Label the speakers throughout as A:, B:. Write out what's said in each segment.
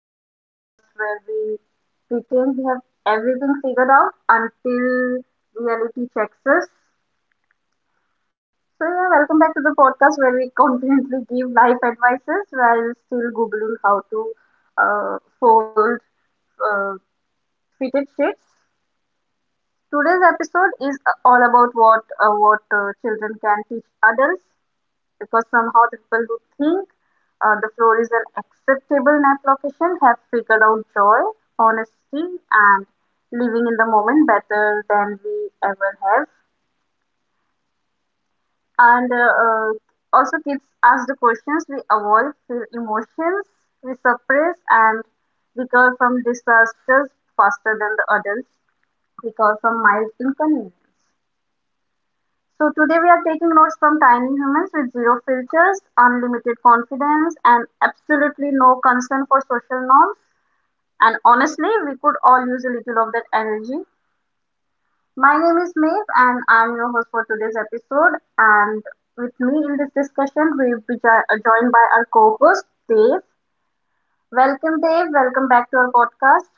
A: the podcast where we pretend we have everything figured out until reality checks us. So yeah, welcome back to the podcast where we confidently give life advices while still googling how to uh, fold uh, fitted sheets. Today's episode is all about what children can teach adults because somehow the people who think the floor is an acceptable nap location have figured out joy, honesty, and living in the moment better than we ever have. And also, kids ask the questions we avoid, feel emotions we suppress, and recover from disasters faster than the adults because of mild inconvenience. So today we are taking notes from tiny humans with zero filters, unlimited confidence, and absolutely no concern for social norms. And honestly, we could all use a little of that energy. My name is Maeve, and I'm your host for today's episode. And with me in this discussion, we'll be joined by our co-host Dave. Welcome, Dave. Welcome back to our podcast.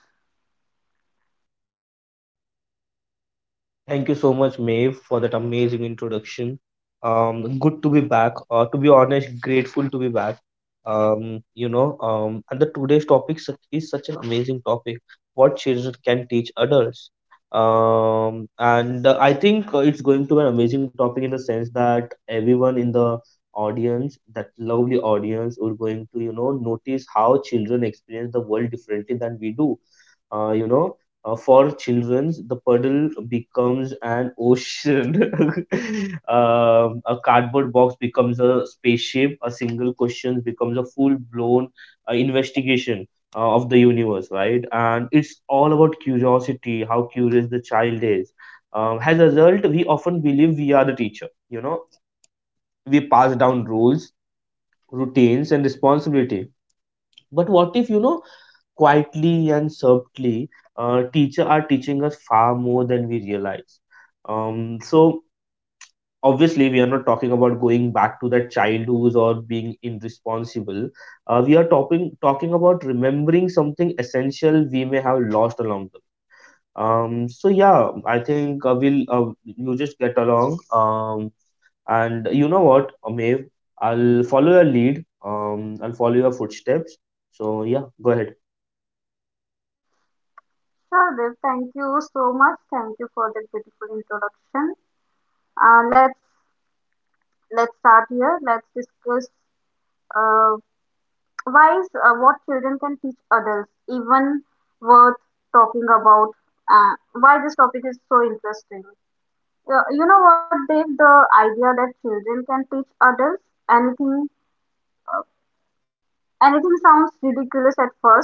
B: Thank you so much, Maeve, for that amazing introduction. Good to be back. To be honest, grateful to be back. And the today's topic such, is such an amazing topic. What children can teach adults. And I think it's going to be an amazing topic in the sense that everyone in the audience, that lovely audience, are going to notice how children experience the world differently than we do. Uh, you know for children, the puddle becomes an ocean. A cardboard box becomes a spaceship. A single question becomes a full-blown investigation of the universe, right? And it's all about curiosity, how curious the child is. As a result, we often believe we are the teacher. You know, we pass down rules, routines, and responsibility, but what if, you know, quietly and subtly, teacher are teaching us far more than we realize. So obviously, we are not talking about going back to that childhood or being irresponsible. We are talking about remembering something essential we may have lost along the way. So yeah, I think we'll you just get along. And you know what, Amev, I'll follow your lead. I'll follow your footsteps. So yeah, go ahead.
A: Sure, Dave. Thank you so much. Thank you for that beautiful introduction. Uh, let's let's start here. Let's discuss Uh, why is what children can teach adults even worth talking about? Uh, why this topic is so interesting? You know what, Dave? The idea that children can teach adults anything anything sounds ridiculous at first.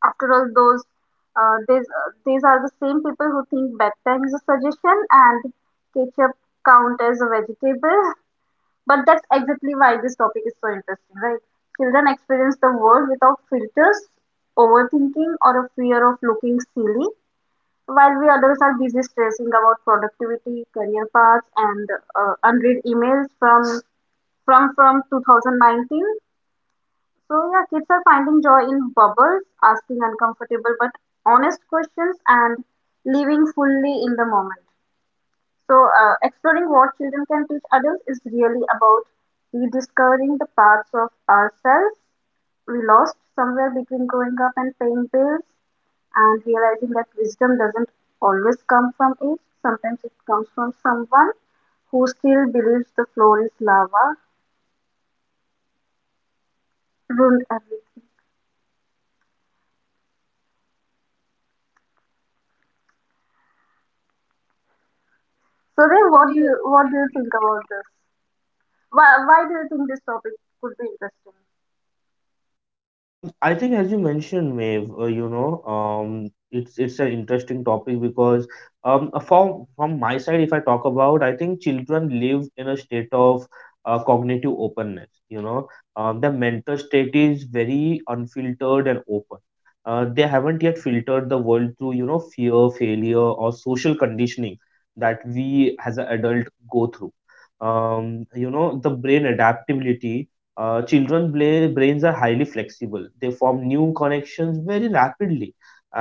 A: After all, those these are the same people who think bedtime is a suggestion and ketchup count as a vegetable. But that's exactly why this topic is so interesting, right? Children experience the world without filters, overthinking, or a fear of looking silly, while we adults are busy stressing about productivity, career paths, and unread emails from 2019. So yeah, kids are finding joy in bubbles, asking uncomfortable but honest questions, and living fully in the moment. So, exploring what children can teach adults is really about rediscovering the parts of ourselves we lost somewhere between growing up and paying bills, and realizing that wisdom doesn't always come from it. Sometimes it comes from someone who still believes the floor is lava, ruined everything. So,
B: Then
A: then,
B: what do
A: what do
B: you
A: you
B: what do
A: what do
B: you
A: you
B: think
A: think
B: of?
A: about this? Why do you think this topic could be interesting?
B: I think, as you mentioned, Maeve, it's an interesting topic because from my side, if I talk about, I think children live in a state of cognitive openness. You know, the mental state is very unfiltered and open. They haven't yet filtered the world through, you know, fear, failure, or social conditioning that we as an adult go through. You know, the brain adaptability. Children brains are highly flexible. They form new connections very rapidly.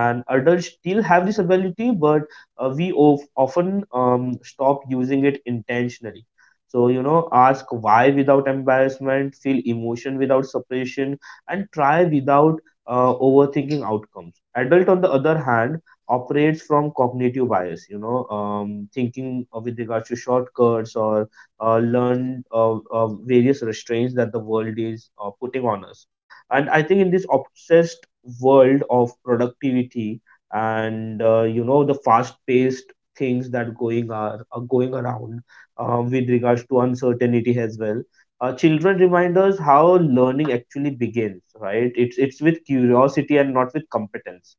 B: And adults still have this ability, but we often stop using it intentionally. So, you know, ask why without embarrassment, feel emotion without suppression, and try without overthinking outcomes. Adult, on the other hand, operates from cognitive bias, you know, thinking with regards to shortcuts or learn various restraints that the world is putting on us. And I think in this obsessed world of productivity and you know the fast-paced things that are going around with regards to uncertainty as well. Children remind us how learning actually begins, right? It's with curiosity and not with competence.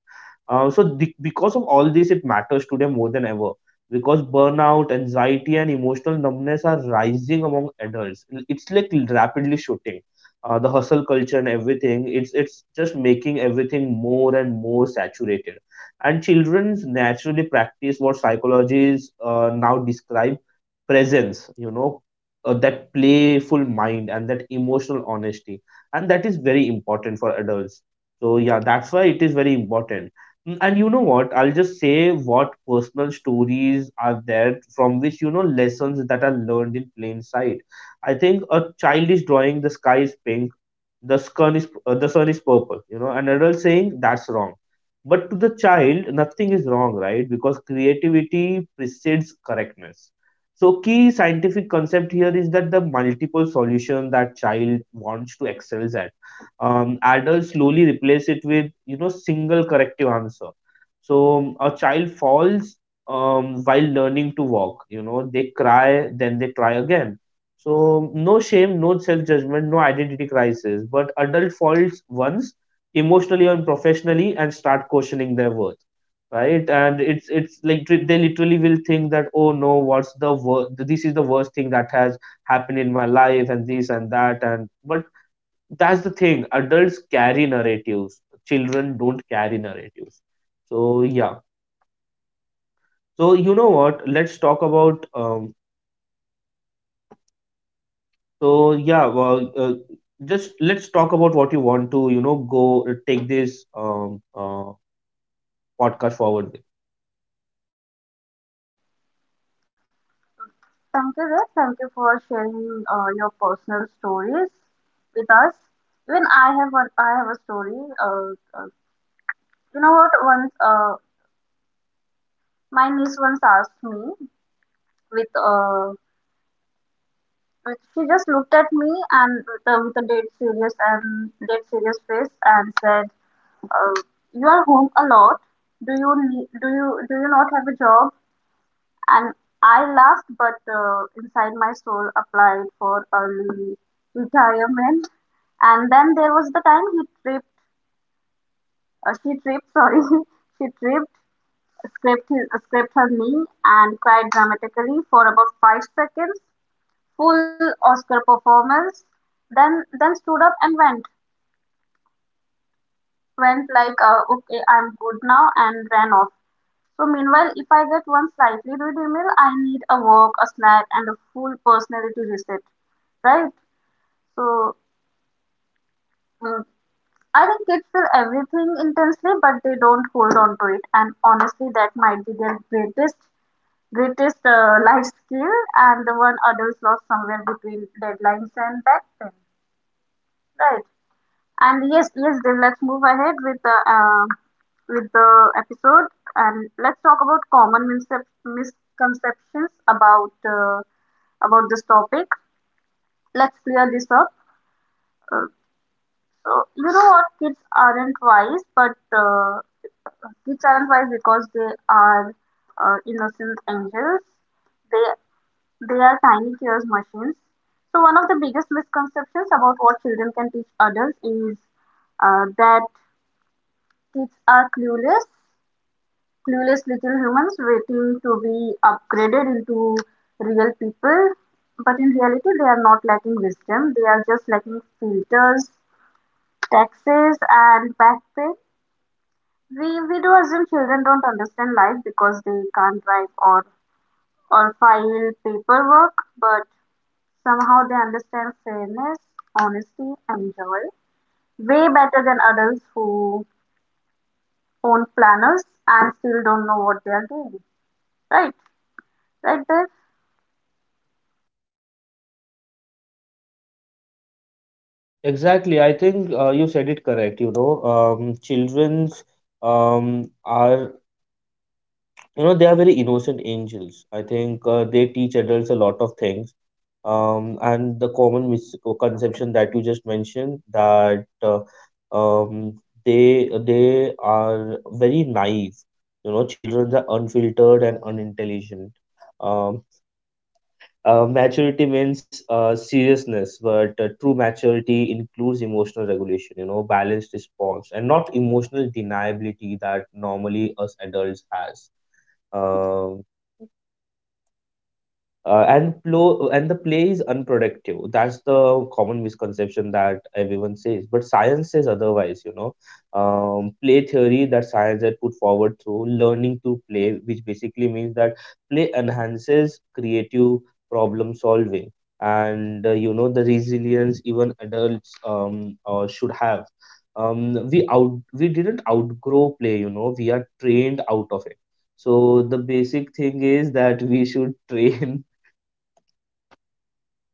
B: So because of all this, it matters today more than ever because burnout, anxiety, and emotional numbness are rising among adults. It's like rapidly shooting. The hustle culture and everything, it's just making everything more and more saturated. And children naturally practice what psychologists now describe presence, you know, that playful mind and that emotional honesty. And that is very important for adults. So yeah, that's why it is very important. Mm. And you know what? I'll just say what personal stories are there from which, you know, lessons that are learned in plain sight. I think a child is drawing the sky is pink, the sun is the sun is purple, you know, an adult saying that's wrong. But to the child, nothing is wrong, right? Because creativity precedes correctness. So key scientific concept here is that the multiple solution that child wants to excel at, adults slowly replace it with you know single corrective answer. So a child falls while learning to walk, you know, they cry then they try again. So no shame, no self judgment, no identity crisis, but adult falls once emotionally and professionally and start questioning their worth, right? And it's like they literally will think that, oh no, this is the worst thing that has happened in my life and this and that and but that's the thing. Adults carry narratives. Children don't carry narratives. So yeah. So you know what? Let's talk about. So yeah. Just let's talk about what you want to. You know, go take this podcast forward with.
A: Thank you, Red. Thank you for sharing your personal stories with us. Even I have one. I have a story. Uh, you know what? Once, my niece once asked me with uh, she just looked at me and with a dead serious face and said, uh, "You are home a lot. Do you do you not have a job?" And I laughed, but inside my soul applied for early retirement. And then there was the time she tripped, sorry, she tripped, scraped her knee, and cried dramatically for about 5 seconds, full Oscar performance. Then stood up and went like, okay, I'm good now, and ran off. So meanwhile, if I get one slightly rude email, I need a walk, a snack, and a full personality reset, right? So mm, I think kids feel everything intensely, but they don't hold on to it. And honestly, that might be their greatest life skill, and the one adults lost somewhere between deadlines and back then, right? And yes, yes, Dev, let's move ahead with the episode, and let's talk about common misconceptions about this topic. Let's clear this up. Uh, so you know what, kids aren't wise because they are innocent angels. They they are tiny cures machines. So one of the biggest misconceptions about what children can teach adults is that kids are clueless, clueless little humans waiting to be upgraded into real people. But in reality, they are not lacking wisdom. They are just lacking filters, taxes, and back pay. We do assume children don't understand life because they can't drive or file paperwork, but somehow they understand fairness, honesty, and joy way better than adults who own planners and still don't know what they are doing. Right? Like that?
B: Exactly. I think you said it correct. You know, childrens are you know they are very innocent angels. I think they teach adults a lot of things. And the common misconception that you just mentioned that um, they are very naive, you know children are unfiltered and unintelligent. um, maturity means seriousness, but true maturity includes emotional regulation, you know balanced response and not emotional deniability that normally us adults has. Um, and the play is unproductive, that's the common misconception that everyone says but science says otherwise, you know. Play theory that science had put forward through learning to play, which basically means that play enhances creative problem solving and you know the resilience even adults should have. We didn't outgrow play, you know we are trained out of it. So the basic thing is that we should train,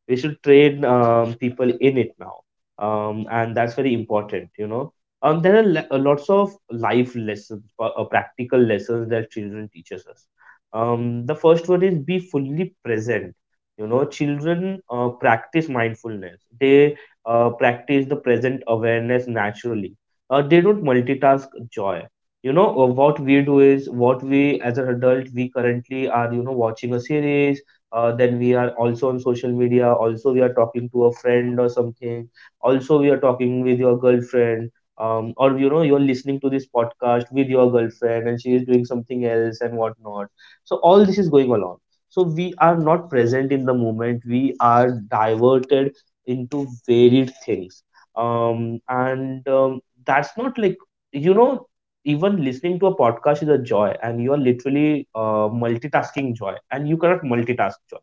B: we should train people in it now. And that's very important, you know. Lots of life lessons, practical lessons that children teaches us. Um, the first one is be fully present. You know children practice mindfulness, they practice the present awareness naturally. They don't multitask joy. You know what we do is what we as an adult we currently are, you know, watching a series, then we are also on social media, also we are talking to a friend or something, also we are talking with your girlfriend, or you know you're listening to this podcast with your girlfriend and she is doing something else and whatnot. So all this is going along, so we are not present in the moment, we are diverted into varied things. And that's not like, you know, even listening to a podcast is a joy and you are literally multitasking joy and you cannot multitask joy.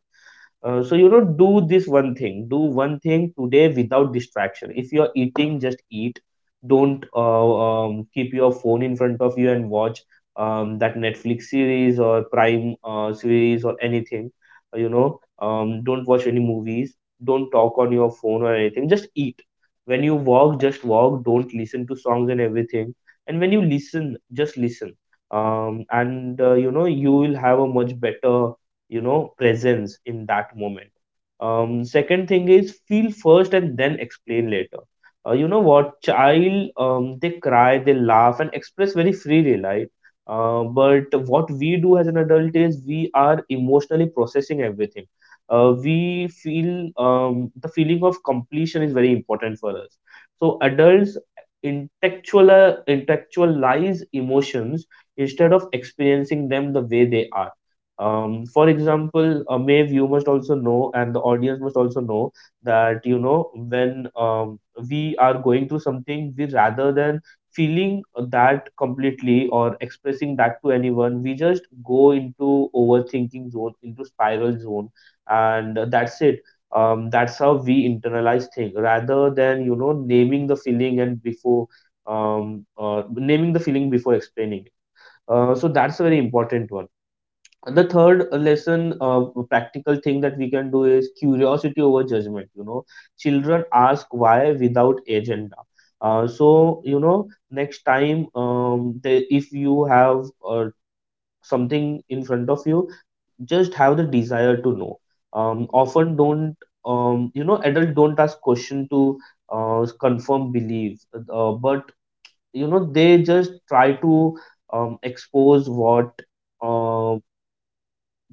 B: So you know, do this one thing. Do one thing today without distraction. If you're eating, just eat. Don't keep your phone in front of you and watch that Netflix series or Prime series or anything. You know, don't watch any movies. Don't talk on your phone or anything. Just eat. When you walk, just walk. Don't listen to songs and everything. And when you listen, just listen. And you know, you will have a much better you know presence in that moment. Um second thing is feel first and then explain later. You know what, child, they cry, they laugh and express very freely, right? But what we do as an adult is we are emotionally processing everything. We feel the feeling of completion is very important for us. So adults intellectual intellectualize emotions instead of experiencing them the way they are. Um, for example, Maeve, you must also know, and the audience must also know that you know when we are going through something, we rather than feeling that completely or expressing that to anyone, we just go into overthinking zone, into spiral zone, and that's it. That's how we internalize thing rather than you know naming the feeling and before naming the feeling before explaining it. So that's a very important one. And the third lesson, practical thing that we can do is curiosity over judgment. You know, children ask why without agenda. So you know, next time, if you have something in front of you, just have the desire to know. Often don't you know adult don't ask question to confirm belief, but you know they just try to expose what uh,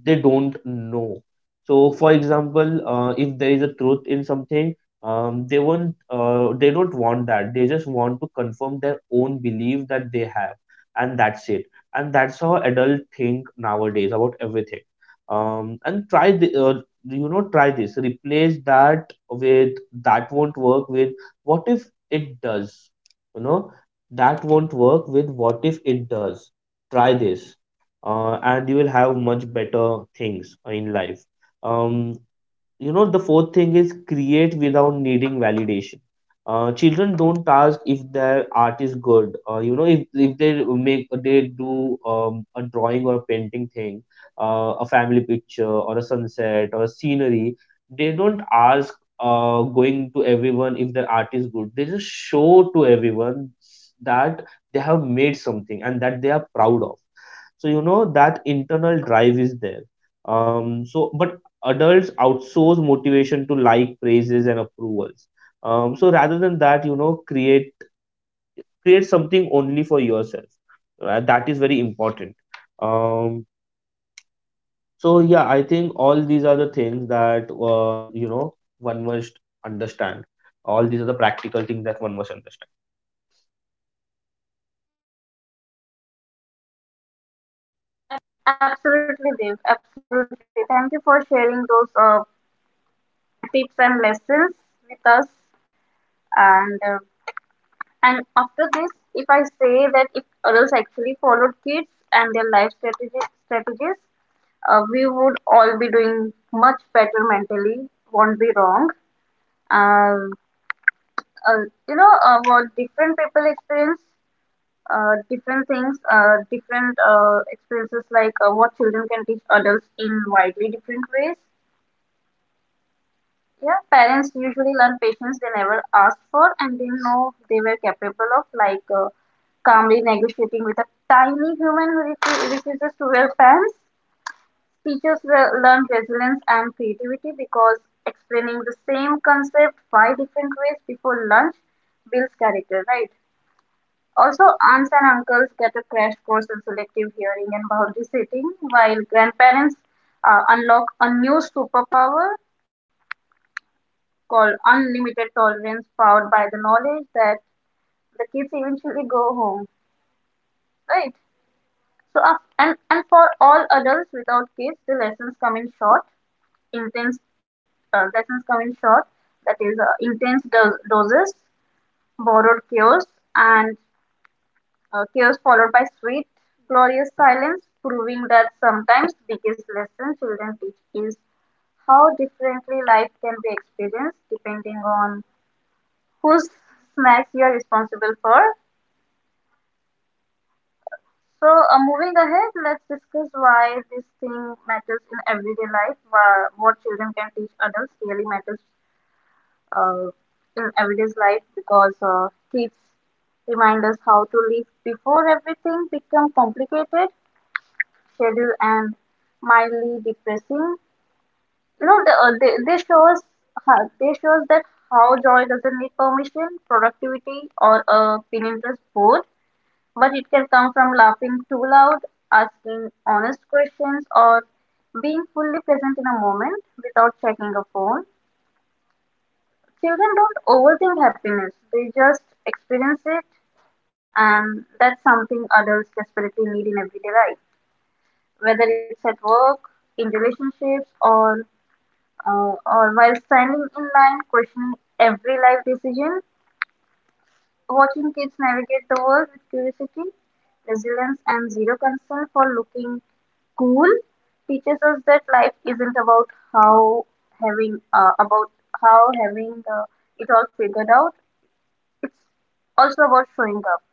B: they don't know. So, for example, if there is a truth in something, they don't want that. They just want to confirm their own belief that they have, and that's it. And that's how adults think nowadays about everything. Um, and try the, uh, you know, try this. Replace "that won't work" with "what if it does." You know, "that won't work" with "what if it does." Try this, and you will have much better things in life. um you know the fourth thing is create without needing validation. Children don't ask if their art is good. You know, if they make they do a drawing or a painting thing, a family picture or a sunset or a scenery, they don't ask going to everyone if their art is good. They just show to everyone that they have made something and that they are proud of. So you know that internal drive is there. But adults outsource motivation to like praises and approvals. So rather than that, you know, create something only for yourself. That is very important. um, so yeah, I think all these are the things that you know one must understand, all these are the practical things that one must understand.
A: Absolutely, Dev. Absolutely. Thank you for sharing those tips and lessons with us. And uh, and after this, if I say that if adults actually followed kids and their strategies, we would all be doing much better mentally. Won't be wrong. Um, uh, you know, what different people experience. Different things, different experiences like what children can teach adults in widely different ways. Yeah, parents usually learn patience they never asked for and didn't know they were capable of, like calmly negotiating with a tiny human who refuses to wear pants. Teachers will learn resilience and creativity because explaining the same concept five different ways before lunch builds character, right? Also, aunts and uncles get a crash course in selective hearing and boundary setting, while grandparents unlock a new superpower called unlimited tolerance powered by the knowledge that the kids eventually go home, right? So and for all adults without kids, the lessons come in short intense lessons come in short, that is, intense doses, borrowed chaos, and chaos followed by sweet, glorious silence, proving that sometimes the biggest lesson children teach is how differently life can be experienced depending on whose snacks you are responsible for. So, moving ahead, let's discuss why this thing matters in everyday life. Why what children can teach adults really matters uh, in everyday life, because kids remind us how to live before everything become complicated, schedule and mildly depressing. You know, they show us they show us that how joy doesn't need permission, productivity or a opinion does both, but it can come from laughing too loud, asking honest questions, or being fully present in a moment without checking a phone. Children don't overthink happiness, they just experience it, and that's something adults desperately need in everyday life, whether it's at work, in relationships, or while standing in line questioning every life decision. Watching kids navigate the world with curiosity, resilience, and zero concern for looking cool teaches us that life isn't about how having uh, about how having it all figured out. It's also about showing up,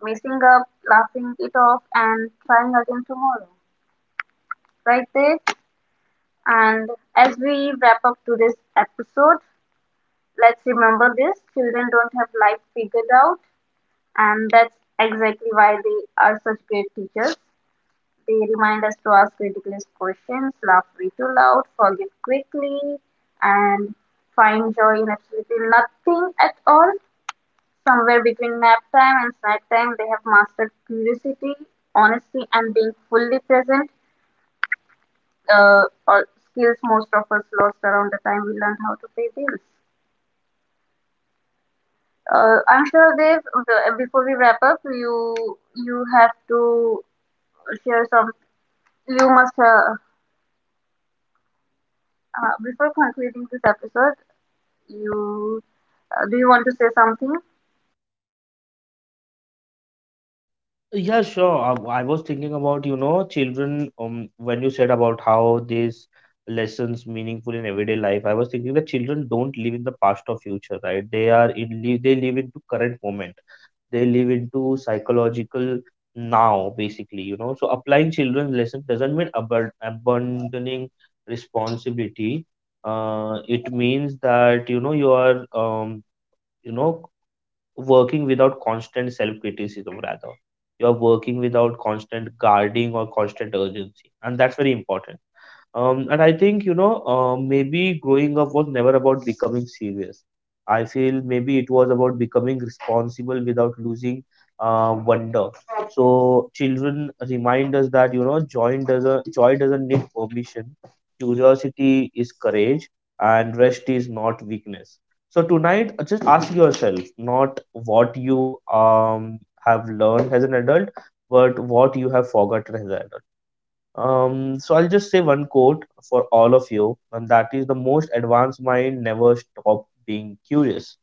A: messing up, laughing it off, and trying again tomorrow. Right there. And as we wrap up today's episode, let's remember this: children don't have life figured out, and that's exactly why they are such great teachers. They remind us to ask ridiculous questions, laugh way too loud, forgive quickly, and find joy in absolutely nothing at all. Somewhere between nap time and snack time, they have mastered curiosity, honesty, and being fully present, or skills most of us lost around the time we learned how to pay bills. I'm sure, Dave, before we wrap up, you have to share some You must before concluding this episode, you do you want to say something?
B: Yeah, sure. I was thinking about, you know, children, when you said about how these lessons meaningful in everyday life, I was thinking that children don't live in the past or future, right? They live into current moment. They live into psychological now, basically, you know. So applying children's lesson doesn't mean abandoning responsibility. It means that, you know, you know working without constant self criticism, rather you are working without constant guarding or constant urgency, and that's very important. And I think, you know, maybe growing up was never about becoming serious. I feel maybe it was about becoming responsible without losing wonder. So children remind us that, you know, joy doesn't need permission. Curiosity is courage and rest is not weakness. So tonight, just ask yourself not what you have learned as an adult, but what you have forgotten as an adult. So I'll just say one quote for all of you, and that is the most advanced mind never stop being curious.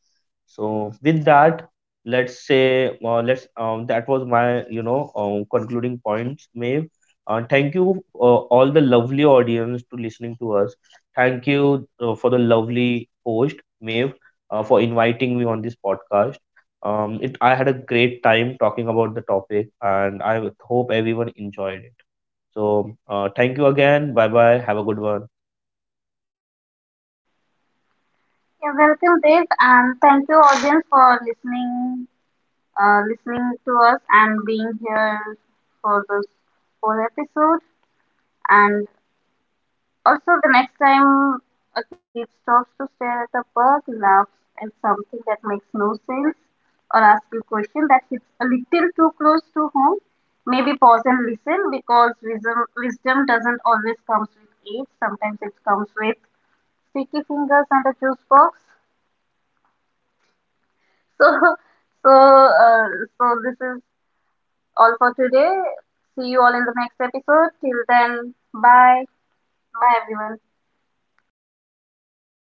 B: So with that, let's say let's that was my concluding points, Maeve. Thank you all the lovely audience to listening to us. Thank you for the lovely host, Maeve, for inviting me on this podcast. It I had a great time talking about the topic, and I hope everyone enjoyed it. So thank you again. Bye bye. Have a good one.
A: Yeah, welcome, Dave, and thank you, audience, for listening, listening to us and being here for this whole episode. And also, the next time a kid stops to stare at a bug, laughs at something that makes no sense, or asks a question that hits a little too close to home, maybe pause and listen because wisdom doesn't always come with age. Sometimes it comes with sticky fingers and a juice box. So, so, uh, so this is all for today. See you all in the next episode. Till then, bye. Bye, everyone.